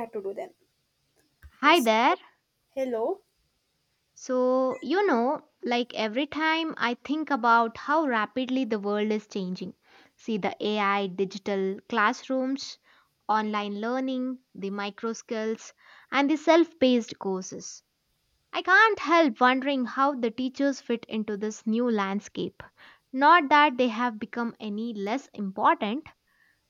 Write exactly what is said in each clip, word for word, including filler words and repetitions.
Have to do them. Hi Yes. there. Hello. So, you know, like every time I think about how rapidly the world is changing, see the A I, digital classrooms, online learning, the micro skills, and the self paced courses. I can't help wondering how the teachers fit into this new landscape. Not that they have become any less important,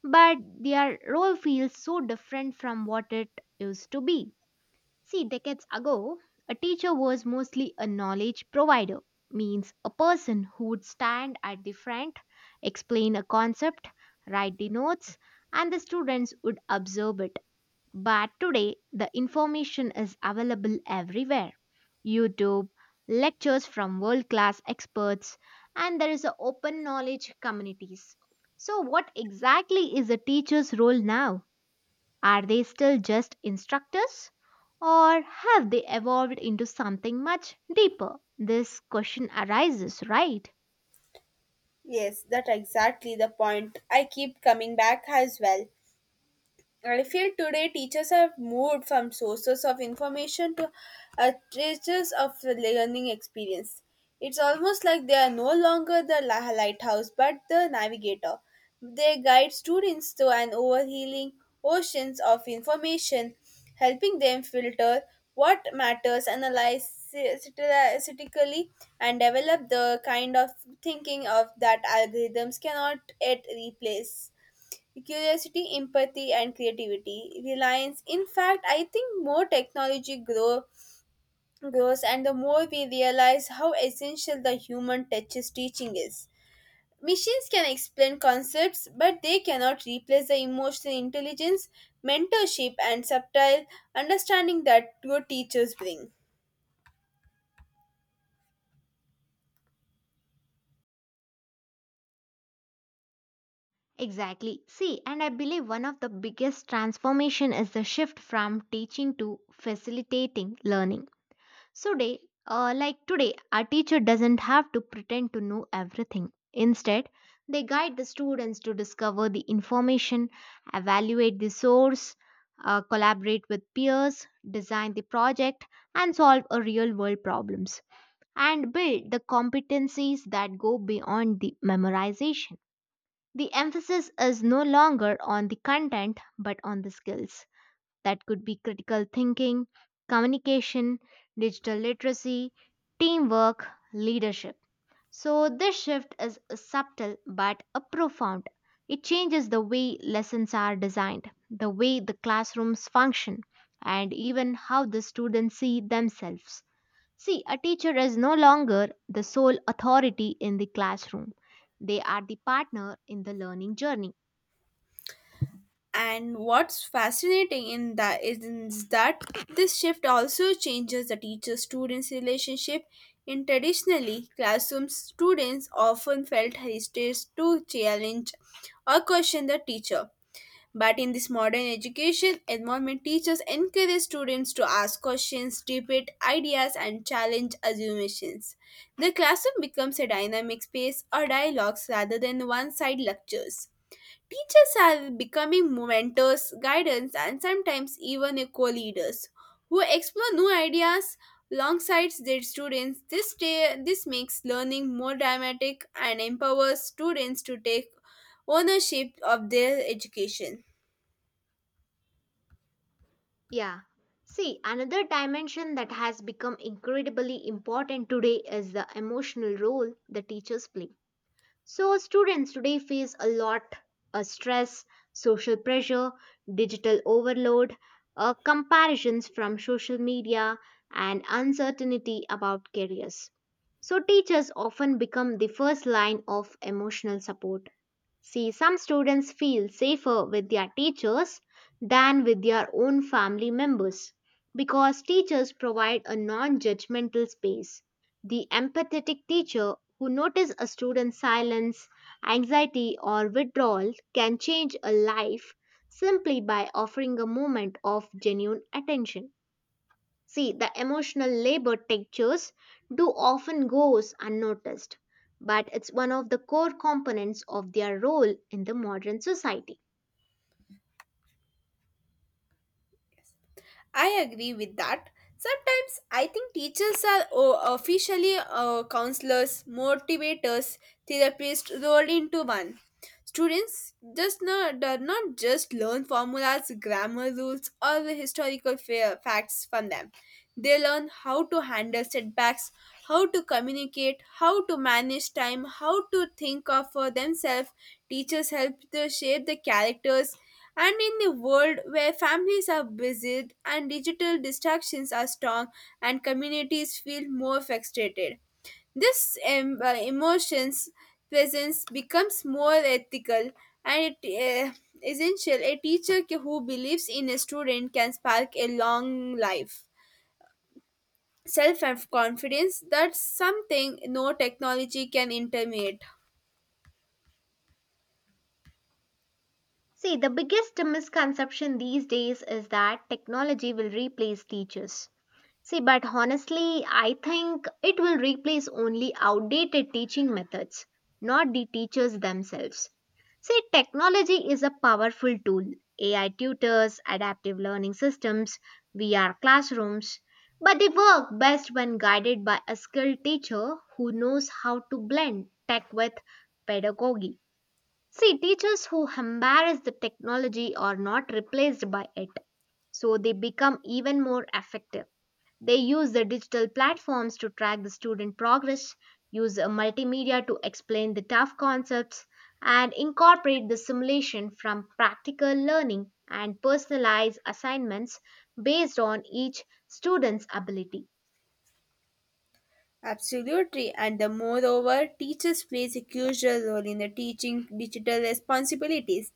but their role feels so different from what it used to be. See, decades ago, a teacher was mostly a knowledge provider, means a person who would stand at the front, explain a concept, write the notes, and the students would observe it. But today, the information is available everywhere YouTube, lectures from world class experts, and there is a open knowledge communities. So, what exactly is a teacher's role now? Are they still just instructors? Or have they evolved into something much deeper? This question arises, right? Yes, that exactly the point. I keep coming back as well. I feel today teachers have moved from sources of information to uh, traces of the learning experience. It's almost like they are no longer the la- lighthouse but the navigator. They guide students through an overhealing oceans of information, helping them filter what matters, analyze critically, and develop the kind of thinking of that algorithms cannot yet replace. Curiosity, empathy, and creativity. Reliance. In fact, I think more technology grow, grows and the more we realize how essential the human touches teaching is. Machines can explain concepts, but they cannot replace the emotional intelligence, mentorship, and subtle understanding that good teachers bring. Exactly. See, and I believe one of the biggest transformation is the shift from teaching to facilitating learning. So, day, uh, like today, our teacher doesn't have to pretend to know everything. Instead, they guide the students to discover the information, evaluate the source, uh, collaborate with peers, design the project, and solve a real world problems, and build the competencies that go beyond the memorization. The emphasis is no longer on the content but on the skills that could be critical thinking, communication, digital literacy, teamwork, leadership. So, this shift is subtle but a profound. It changes the way lessons are designed, the way the classrooms function, and even how the students see themselves. See, a teacher is no longer the sole authority in the classroom, they are the partner in the learning journey. And what's fascinating in that is is that this shift also changes the teacher-students relationship. In traditionally, classroom students often felt hesitant to challenge or question the teacher. But in this modern education environment, teachers encourage students to ask questions, debate ideas, and challenge assumptions. The classroom becomes a dynamic space or dialogues rather than one-side lectures. Teachers are becoming mentors, guidance, and sometimes even co-leaders who explore new ideas alongside their students. This day, this makes learning more dramatic and empowers students to take ownership of their education. Yeah. See, another dimension that has become incredibly important today is the emotional role the teachers play. So students today face a lot of stress, social pressure, digital overload, uh, comparisons from social media, and uncertainty about careers. So teachers often become the first line of emotional support. See, some students feel safer with their teachers than with their own family members because teachers provide a non judgmental space the empathetic teacher who notices a student's silence, anxiety, or withdrawal can change a life simply by offering a moment of genuine attention. See, the emotional labor textures do often goes unnoticed, but it's one of the core components of their role in the modern society. I agree with that. Sometimes I think teachers are o- officially uh, counselors, motivators, therapists rolled into one. Students just not, do not just learn formulas, grammar rules, or the historical fa- facts from them. They learn how to handle setbacks, how to communicate, how to manage time, how to think of for themselves. Teachers help to shape the characters. And in a world where families are busy and digital distractions are strong, and communities feel more frustrated, this em- uh, emotions presence becomes more ethical and it, uh, essential. A teacher who believes in a student can spark a long life self confidence that's something no technology can intermediate. See, the biggest misconception these days is that technology will replace teachers. See, but honestly, I think it will replace only outdated teaching methods, not the teachers themselves. See, technology is a powerful tool. A I tutors, adaptive learning systems, V R classrooms, but they work best when guided by a skilled teacher who knows how to blend tech with pedagogy. See, teachers who embrace the technology are not replaced by it, so they become even more effective. They use the digital platforms to track the student progress, use uh, multimedia to explain the tough concepts, and incorporate the simulation from practical learning and personalize assignments based on each student's ability. Absolutely, and the moreover teachers plays a crucial role in the teaching digital responsibilities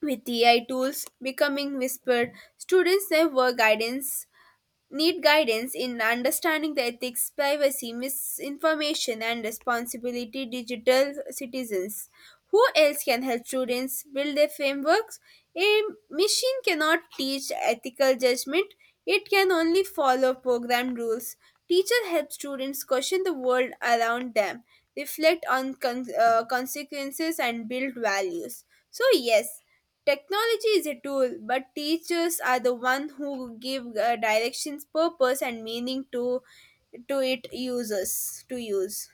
with A I tools becoming whispered students never guidance need guidance in understanding the ethics, privacy, misinformation, and responsibility digital citizens. Who else can help students build their frameworks? A machine cannot teach ethical judgment, it can only follow program rules. Teacher helps students question the world around them, reflect on con- uh, consequences, and build values. So, yes. Technology is a tool, but teachers are the one who give uh, directions, purpose, and meaning to to it users to use.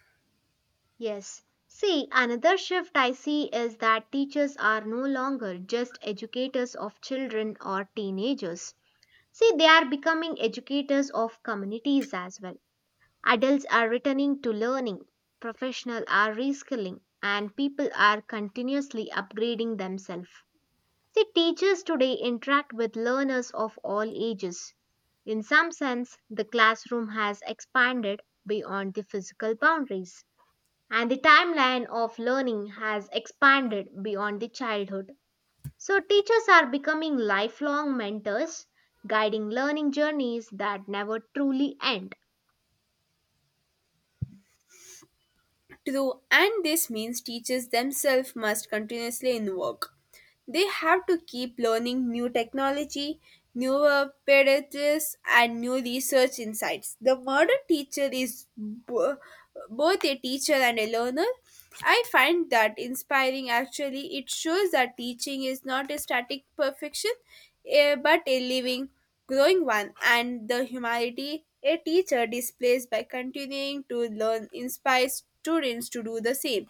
Yes. See, another shift I see is that teachers are no longer just educators of children or teenagers. See, they are becoming educators of communities as well. Adults are returning to learning, professionals are reskilling, and people are continuously upgrading themselves. See, teachers today interact with learners of all ages. In some sense, the classroom has expanded beyond the physical boundaries, and the timeline of learning has expanded beyond the childhood. So, teachers are becoming lifelong mentors, guiding learning journeys that never truly end. True, and this means teachers themselves must continuously in work. They have to keep learning new technology, newer pedagogies, and new research insights. The modern teacher is bo- both a teacher and a learner. I find that inspiring actually. It shows that teaching is not a static perfection, eh, but a living growing one, and the humanity a teacher displays by continuing to learn inspires students to do the same.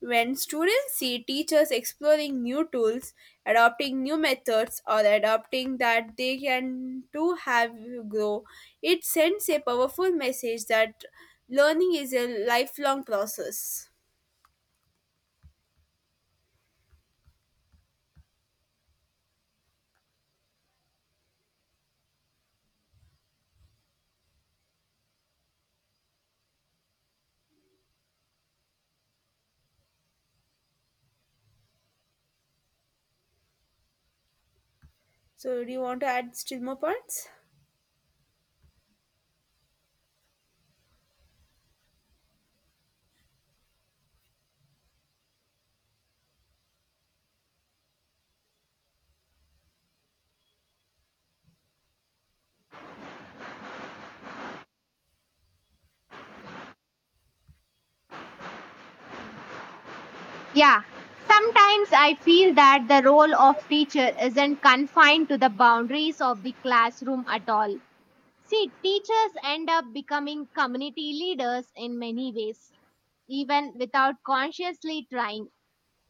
When students see teachers exploring new tools, adopting new methods, or adopting that they can too have grow, it sends a powerful message that learning is a lifelong process. So, do you want to add still more points? Yeah, sometimes I feel that the role of teacher isn't confined to the boundaries of the classroom at all. See, teachers end up becoming community leaders in many ways, even without consciously trying.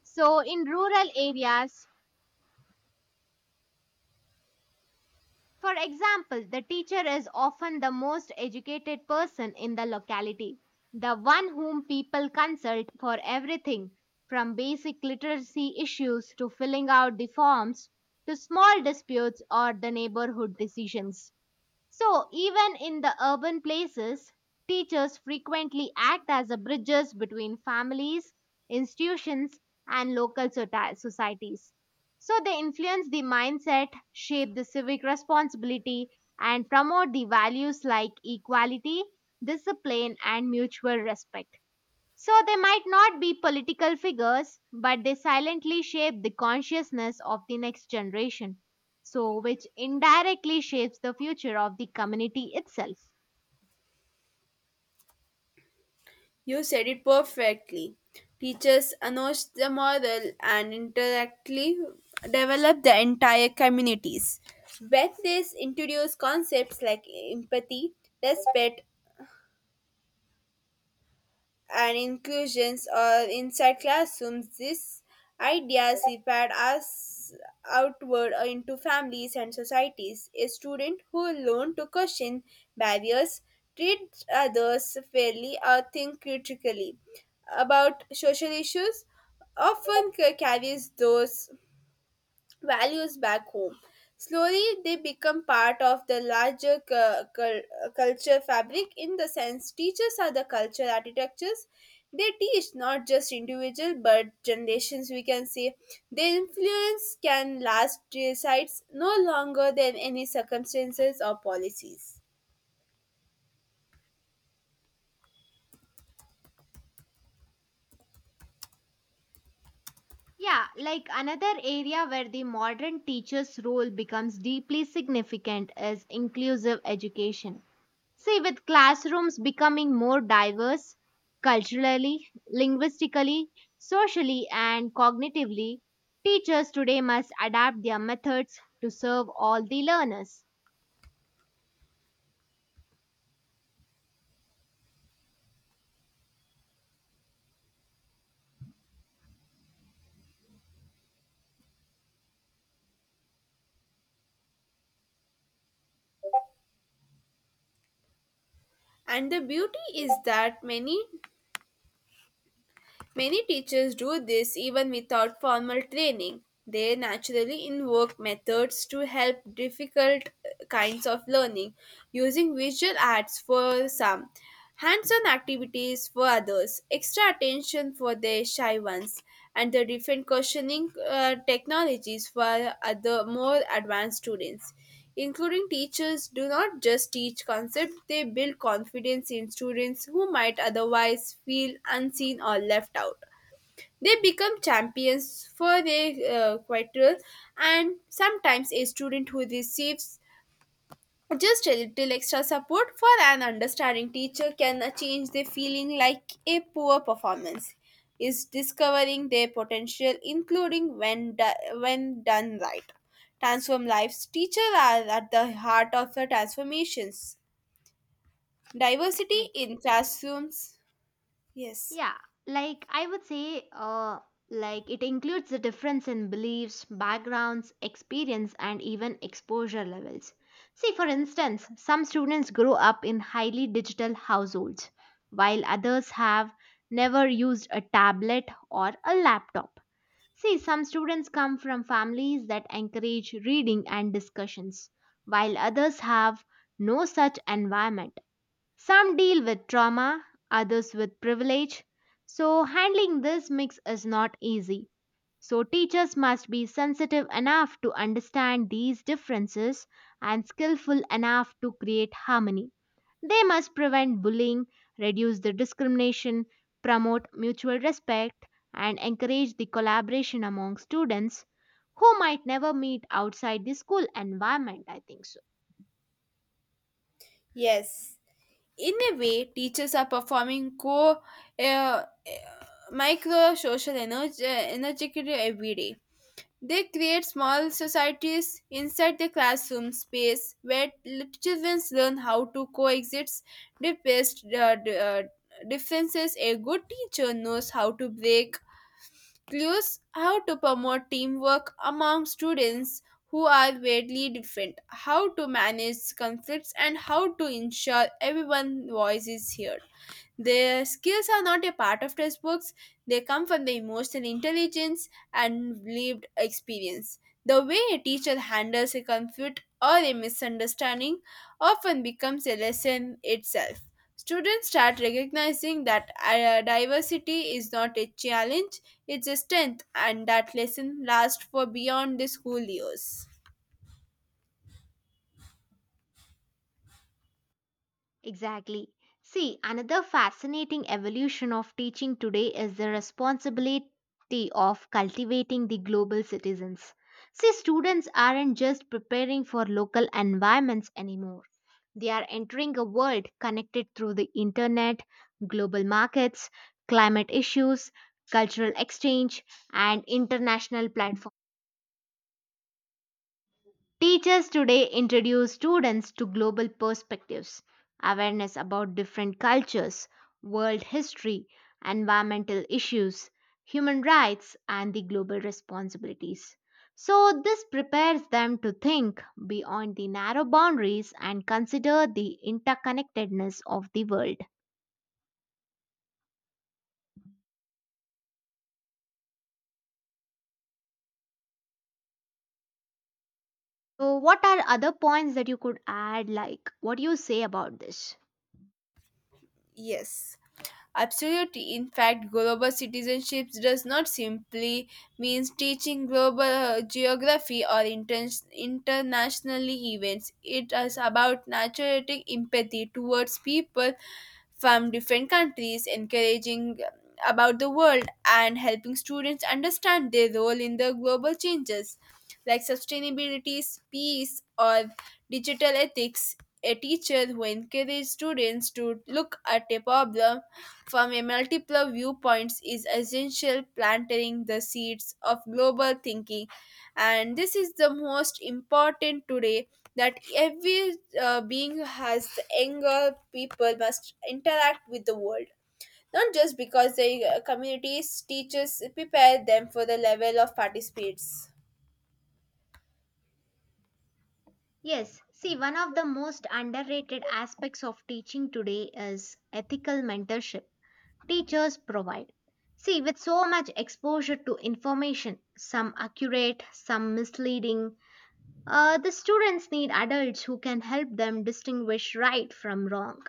So, in rural areas, for example, the teacher is often the most educated person in the locality, the one whom people consult for everything from basic literacy issues to filling out the forms to small disputes or the neighborhood decisions. So, even in the urban places, teachers frequently act as a bridges between families, institutions, and local sota- societies. So, they influence the mindset, shape the civic responsibility, and promote the values like equality, discipline, and mutual respect. So they might not be political figures, but they silently shape the consciousness of the next generation. So, which indirectly shapes the future of the community itself. You said it perfectly. Teachers announce the model and indirectly develop the entire communities. When they introduce concepts like empathy, respect, and inclusions or inside classrooms, these ideas separate us outward or into families and societies. A student who learns to question barriers, treat others fairly, or think critically about social issues often ca- carries those values back home. Slowly, they become part of the larger cu- cul- culture fabric in the sense teachers are the cultural architectures. They teach not just individual but generations, we can say. Their influence can last decides no longer than any circumstances or policies. Yeah, like another area where the modern teacher's role becomes deeply significant is inclusive education. See, with classrooms becoming more diverse culturally, linguistically, socially, and cognitively, teachers today must adapt their methods to serve all the learners. And the beauty is that many many teachers do this even without formal training. They naturally invoke methods to help difficult uh, kinds of learning, using visual arts for some, hands on activities for others, extra attention for the shy ones, and the different questioning uh, technologies for other more advanced students. Including teachers do not just teach concepts, they build confidence in students who might otherwise feel unseen or left out. They become champions for their uh, quarrel, and sometimes a student who receives just a little extra support for an understanding teacher can change the feeling like a poor performance is discovering their potential, including when, do- when done right. Transform lives. Teachers are at the heart of the transformations. Diversity Yes. in classrooms. Yes. Yeah, like I would say, uh, like it includes the difference in beliefs, backgrounds, experience, and even exposure levels. See, for instance, some students grow up in highly digital households, while others have never used a tablet or a laptop. See, some students come from families that encourage reading and discussions, while others have no such environment. Some deal with trauma, others with privilege. So, handling this mix is not easy. So, teachers must be sensitive enough to understand these differences and skillful enough to create harmony. They must prevent bullying, reduce the discrimination, promote mutual respect, and encourage the collaboration among students who might never meet outside the school environment, I think so. Yes. In a way, teachers are performing co uh, uh, micro social energy, energy every day. They create small societies inside the classroom space where little children learn how to coexist, depressed uh, d- uh, differences. A good teacher knows how to break clues, how to promote teamwork among students who are widely different, how to manage conflicts, and how to ensure everyone's voice is heard. Their skills are not a part of textbooks, they come from the emotional intelligence and lived experience. The way a teacher handles a conflict or a misunderstanding often becomes a lesson itself. Students start recognizing that uh, diversity is not a challenge, it's a strength, and that lesson lasts for beyond the school years. Exactly. See, another fascinating evolution of teaching today is the responsibility of cultivating the global citizens. See, students aren't just preparing for local environments anymore. They are entering a world connected through the internet, global markets, climate issues, cultural exchange, and international platforms. Teachers today introduce students to global perspectives, awareness about different cultures, world history, environmental issues, human rights, and the global responsibilities. So, this prepares them to think beyond the narrow boundaries and consider the interconnectedness of the world. So, what are other points that you could add? Like, what do you say about this? Yes. Absolutely. In fact, global citizenship does not simply means teaching global uh, geography or inter- internationally events. It is about naturalistic empathy towards people from different countries, encouraging about the world and helping students understand their role in the global changes like sustainability, peace, or digital ethics. A teacher who encourages students to look at a problem from a multiple viewpoints is essential planting the seeds of global thinking, and this is the most important today that every uh, being has the anger people must interact with the world not just because the uh, communities teachers prepare them for the level of participates. Yes, see, one of the most underrated aspects of teaching today is ethical mentorship teachers provide. See, with so much exposure to information, some accurate, some misleading, uh, the students need adults who can help them distinguish right from wrong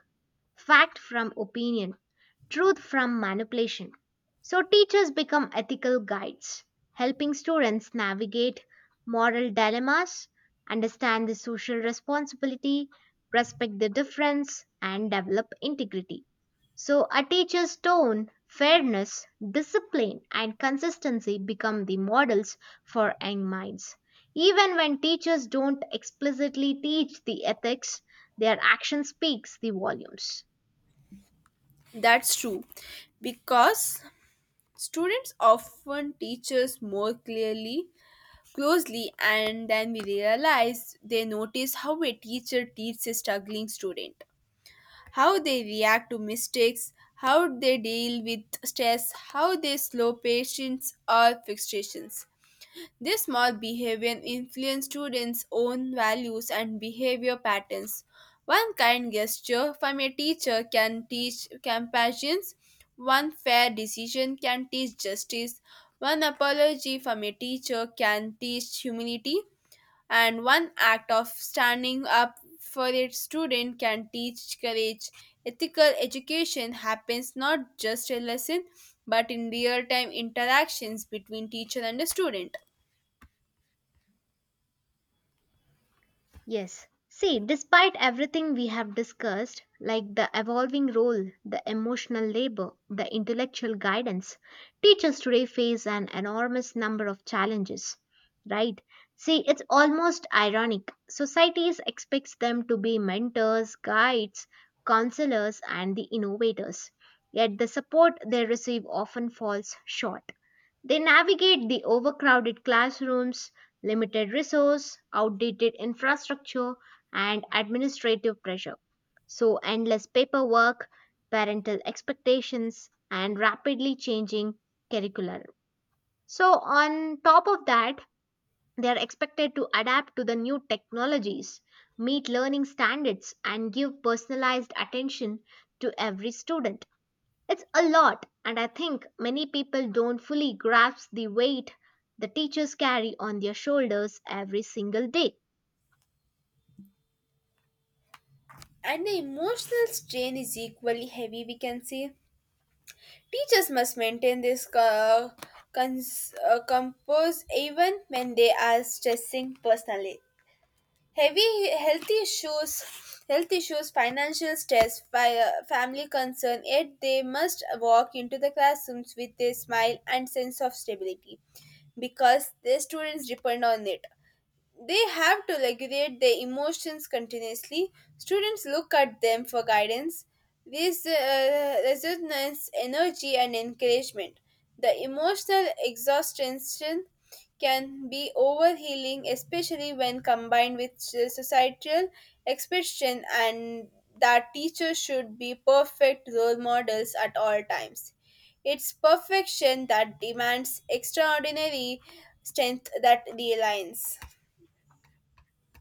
fact from opinion, truth from manipulation. So, teachers become ethical guides, helping students navigate moral dilemmas, understand the social responsibility, respect the difference, and develop integrity. So, a teacher's tone, fairness, discipline, and consistency become the models for young minds. Even when teachers don't explicitly teach the ethics, their action speaks the volumes. That's true because students often teachers more clearly closely and then we realize they notice how a teacher teaches a struggling student, how they react to mistakes, how they deal with stress, how they slow patience or fixations. This small behavior influence students own values and behavior patterns. One kind gesture from a teacher can teach compassion, one fair decision can teach justice, one apology from a teacher can teach humility, and one act of standing up for a student can teach courage. Ethical education happens not just in lesson but in real time interactions between teacher and the student. Yes. See, despite everything we have discussed, like the evolving role, the emotional labor, the intellectual guidance, teachers today face an enormous number of challenges. Right? See, it's almost ironic. Societies expects them to be mentors, guides, counselors, and the innovators. Yet the support they receive often falls short. They navigate the overcrowded classrooms, limited resource, outdated infrastructure, and administrative pressure. So, endless paperwork, parental expectations, and rapidly changing curriculum. So, on top of that, they are expected to adapt to the new technologies, meet learning standards, and give personalized attention to every student. It's a lot, and I think many people don't fully grasp the weight the teachers carry on their shoulders every single day. And the emotional strain is equally heavy, we can say. Teachers must maintain this uh, cons- uh, compose even when they are stressing personally. Heavy health issues, Health issues, financial stress, fi- uh, family concern, yet they must walk into the classrooms with a smile and sense of stability because their students depend on it. They have to regulate their emotions continuously. Students look at them for guidance, this uh, resonance, energy, and encouragement. The emotional exhaustion can be overhealing, especially when combined with societal expectation and that teachers should be perfect role models at all times. It's perfection that demands extraordinary strength that reliance.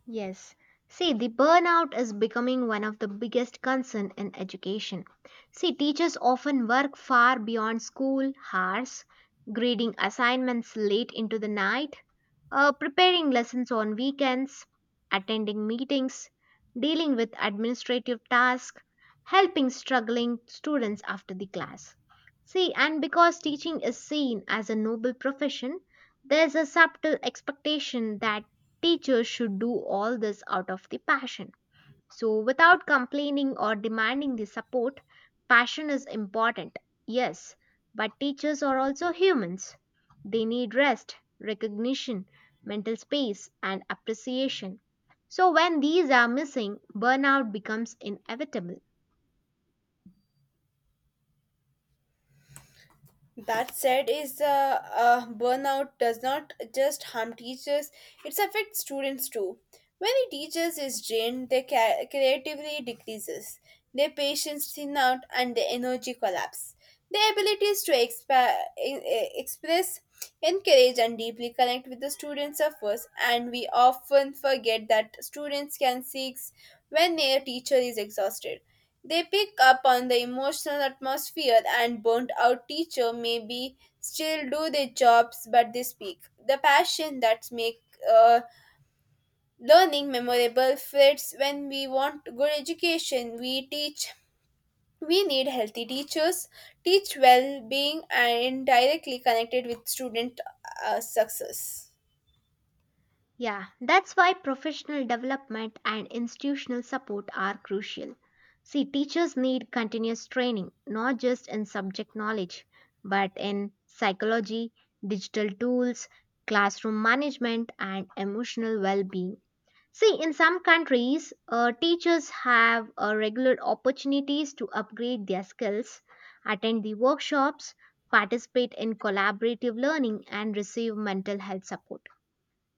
Yes. See, the burnout is becoming one of the biggest concern in education. See, teachers often work far beyond school hours, grading assignments late into the night uh, preparing lessons on weekends, attending meetings, dealing with administrative tasks, helping struggling students after the class. See, and because teaching is seen as a noble profession, there's a subtle expectation that teachers should do all this out of the passion so, without complaining or demanding the support, passion is important, yes, but teachers are also humans. They need rest, recognition, mental space, and appreciation. So, when these are missing, burnout becomes inevitable. That said, is uh, uh, burnout does not just harm teachers; it affects students too. When a teacher is drained, their ca- creativity decreases, their patience thin out, and their energy collapse. Their abilities to expa- e- e- express, encourage, and deeply connect with the students suffers, and we often forget that students can seek when their teacher is exhausted. They pick up on the emotional atmosphere, and burnt out teacher maybe still do their jobs, but they speak. The passion that make uh, learning memorable fits when we want good education. We teach. We need healthy teachers, teach well being, and directly connected with student uh, success. Yeah, that's why professional development and institutional support are crucial. See, teachers need continuous training, not just in subject knowledge, but in psychology, digital tools, classroom management, and emotional well being. See, in some countries, uh, teachers have uh, regular opportunities to upgrade their skills, attend the workshops, participate in collaborative learning, and receive mental health support.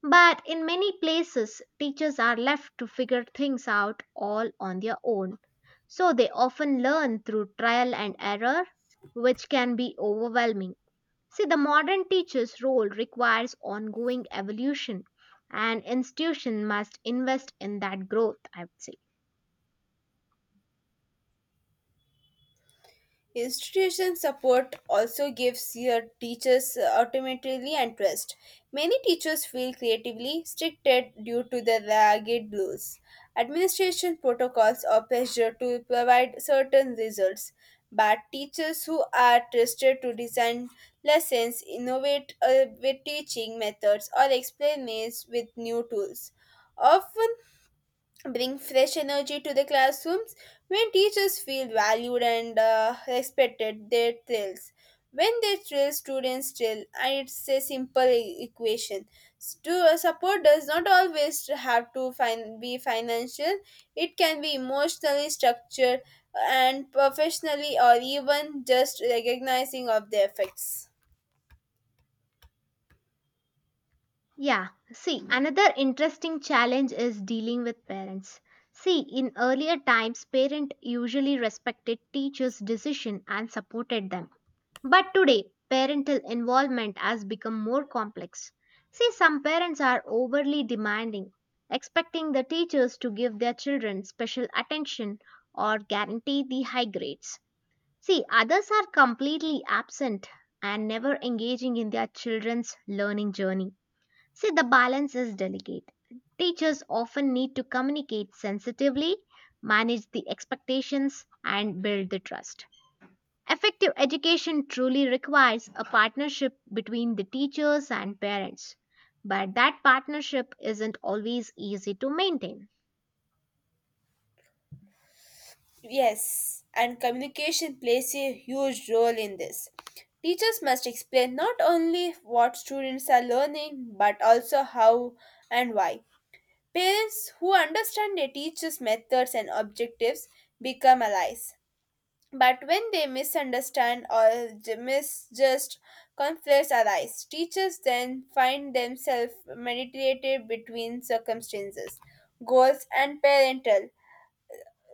But in many places, teachers are left to figure things out all on their own. So they often learn through trial and error, which can be overwhelming. See, the modern teacher's role requires ongoing evolution, and institution must invest in that growth, I would say. Institution support also gives your teachers automatically and trust. Many teachers feel creatively restricted due to the ragged rules. Administration protocols or pressure to provide certain results, but teachers who are trusted to design lessons, innovate uh, with teaching methods, or experiment with new tools often bring fresh energy to the classrooms when teachers feel valued and uh, respected their thrills when they thrill students thrill, and it's a simple e- equation to support does not always have to fin- be financial, it can be emotionally structured and professionally or even just recognizing of the effects. Yeah, see, another interesting challenge is dealing with parents. See, in earlier times, parents usually respected teachers' decision and supported them. But today, parental involvement has become more complex. See, some parents are overly demanding, expecting the teachers to give their children special attention or guarantee the high grades. See, others are completely absent and never engaging in their children's learning journey. See, the balance is delicate. Teachers often need to communicate sensitively, manage the expectations, and build the trust. Effective education truly requires a partnership between the teachers and parents, but that partnership isn't always easy to maintain. Yes, and communication plays a huge role in this. Teachers must explain not only what students are learning but also how and why. Parents who understand a teacher's methods and objectives become allies. But when they misunderstand or j- misjust, conflicts arise. Teachers then find themselves mediated between circumstances, goals, and parental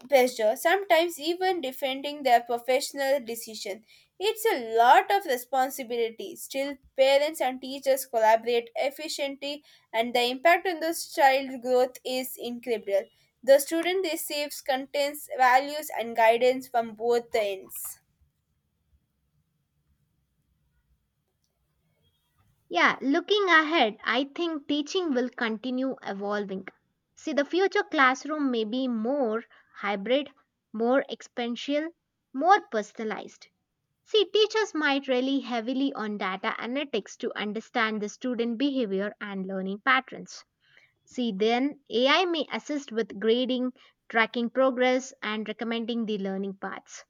pressure, sometimes even defending their professional decision. It's a lot of responsibility. Still, parents and teachers collaborate efficiently, and the impact on the child growth is incredible. The student receives contents, values, and guidance from both the ends. Yeah, looking ahead, I think teaching will continue evolving. See, the future classroom may be more hybrid, more experiential, more personalized. See, teachers might rely heavily on data analytics to understand the student behavior and learning patterns. See, then A I may assist with grading, tracking progress, and recommending the learning paths.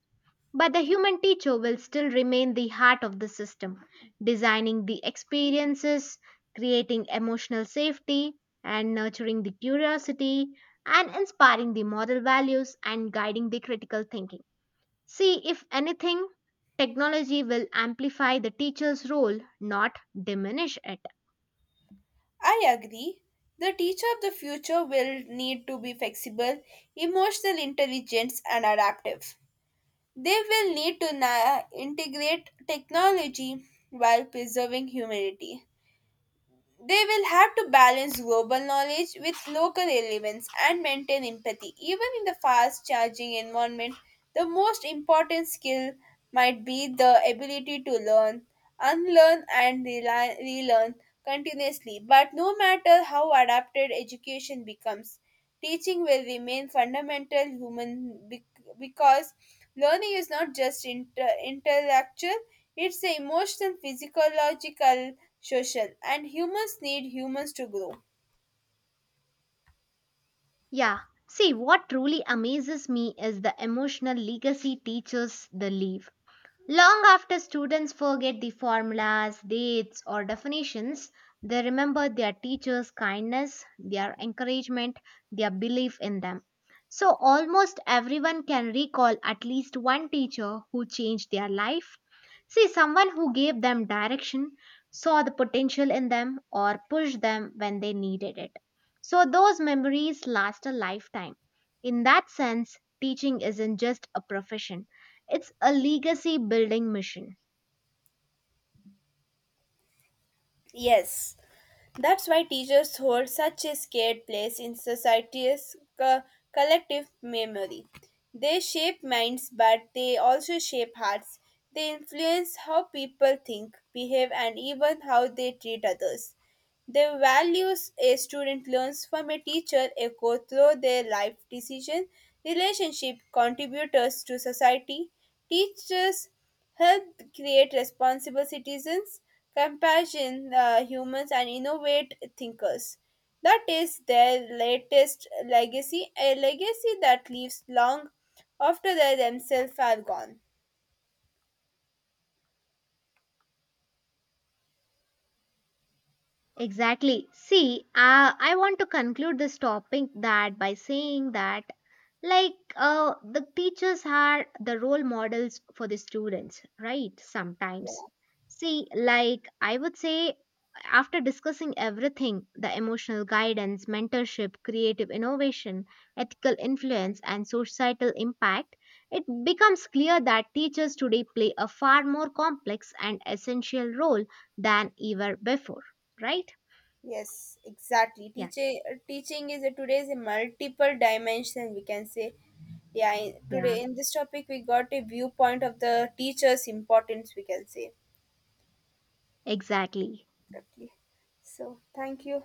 But the human teacher will still remain the heart of the system, designing the experiences, creating emotional safety, and nurturing the curiosity, and inspiring the moral values and guiding the critical thinking. See, if anything, technology will amplify the teacher's role, not diminish it. I agree. The teacher of the future will need to be flexible, emotional intelligence, and adaptive. They will need to na- integrate technology while preserving humanity. They will have to balance global knowledge with local relevance and maintain empathy. Even in the fast charging environment, the most important skill might be the ability to learn, unlearn, and reli- relearn continuously. But no matter how adapted education becomes, teaching will remain fundamental human bec- because learning is not just inter- intellectual, it's the emotional, physiological, social, and humans need humans to grow. Yeah. See, what truly amazes me is the emotional legacy teachers they leave. Long after students forget the formulas, dates, or definitions, they remember their teachers' kindness, their encouragement, their belief in them. So, almost everyone can recall at least one teacher who changed their life. See, someone who gave them direction, saw the potential in them, or pushed them when they needed it. So, those memories last a lifetime. In that sense, teaching isn't just a profession it's a legacy building mission. Yes, that's why teachers hold such a scared place in society's co- collective memory. They shape minds, but they also shape hearts. They influence how people think, behave, and even how they treat others. The values a student learns from a teacher echo through their life decision, relationship, contributors to society, teachers help create responsible citizens, compassion uh, humans, and innovate thinkers. That is their latest legacy, a legacy that lives long after they themselves are gone. Exactly. See, uh, I want to conclude this topic that by saying that like uh, the teachers are the role models for the students, right? Sometimes. Yeah. See, like I would say after discussing everything the emotional guidance, mentorship, creative innovation, ethical influence and societal impact, it becomes clear that teachers today play a far more complex and essential role than ever before, right? Yes, exactly. Yeah, Teaching teaching is a, today's a multiple dimension we can say. Yeah, in, yeah, today in this topic we got a viewpoint of the teacher's importance we can say. exactly. Exactly. So thank you.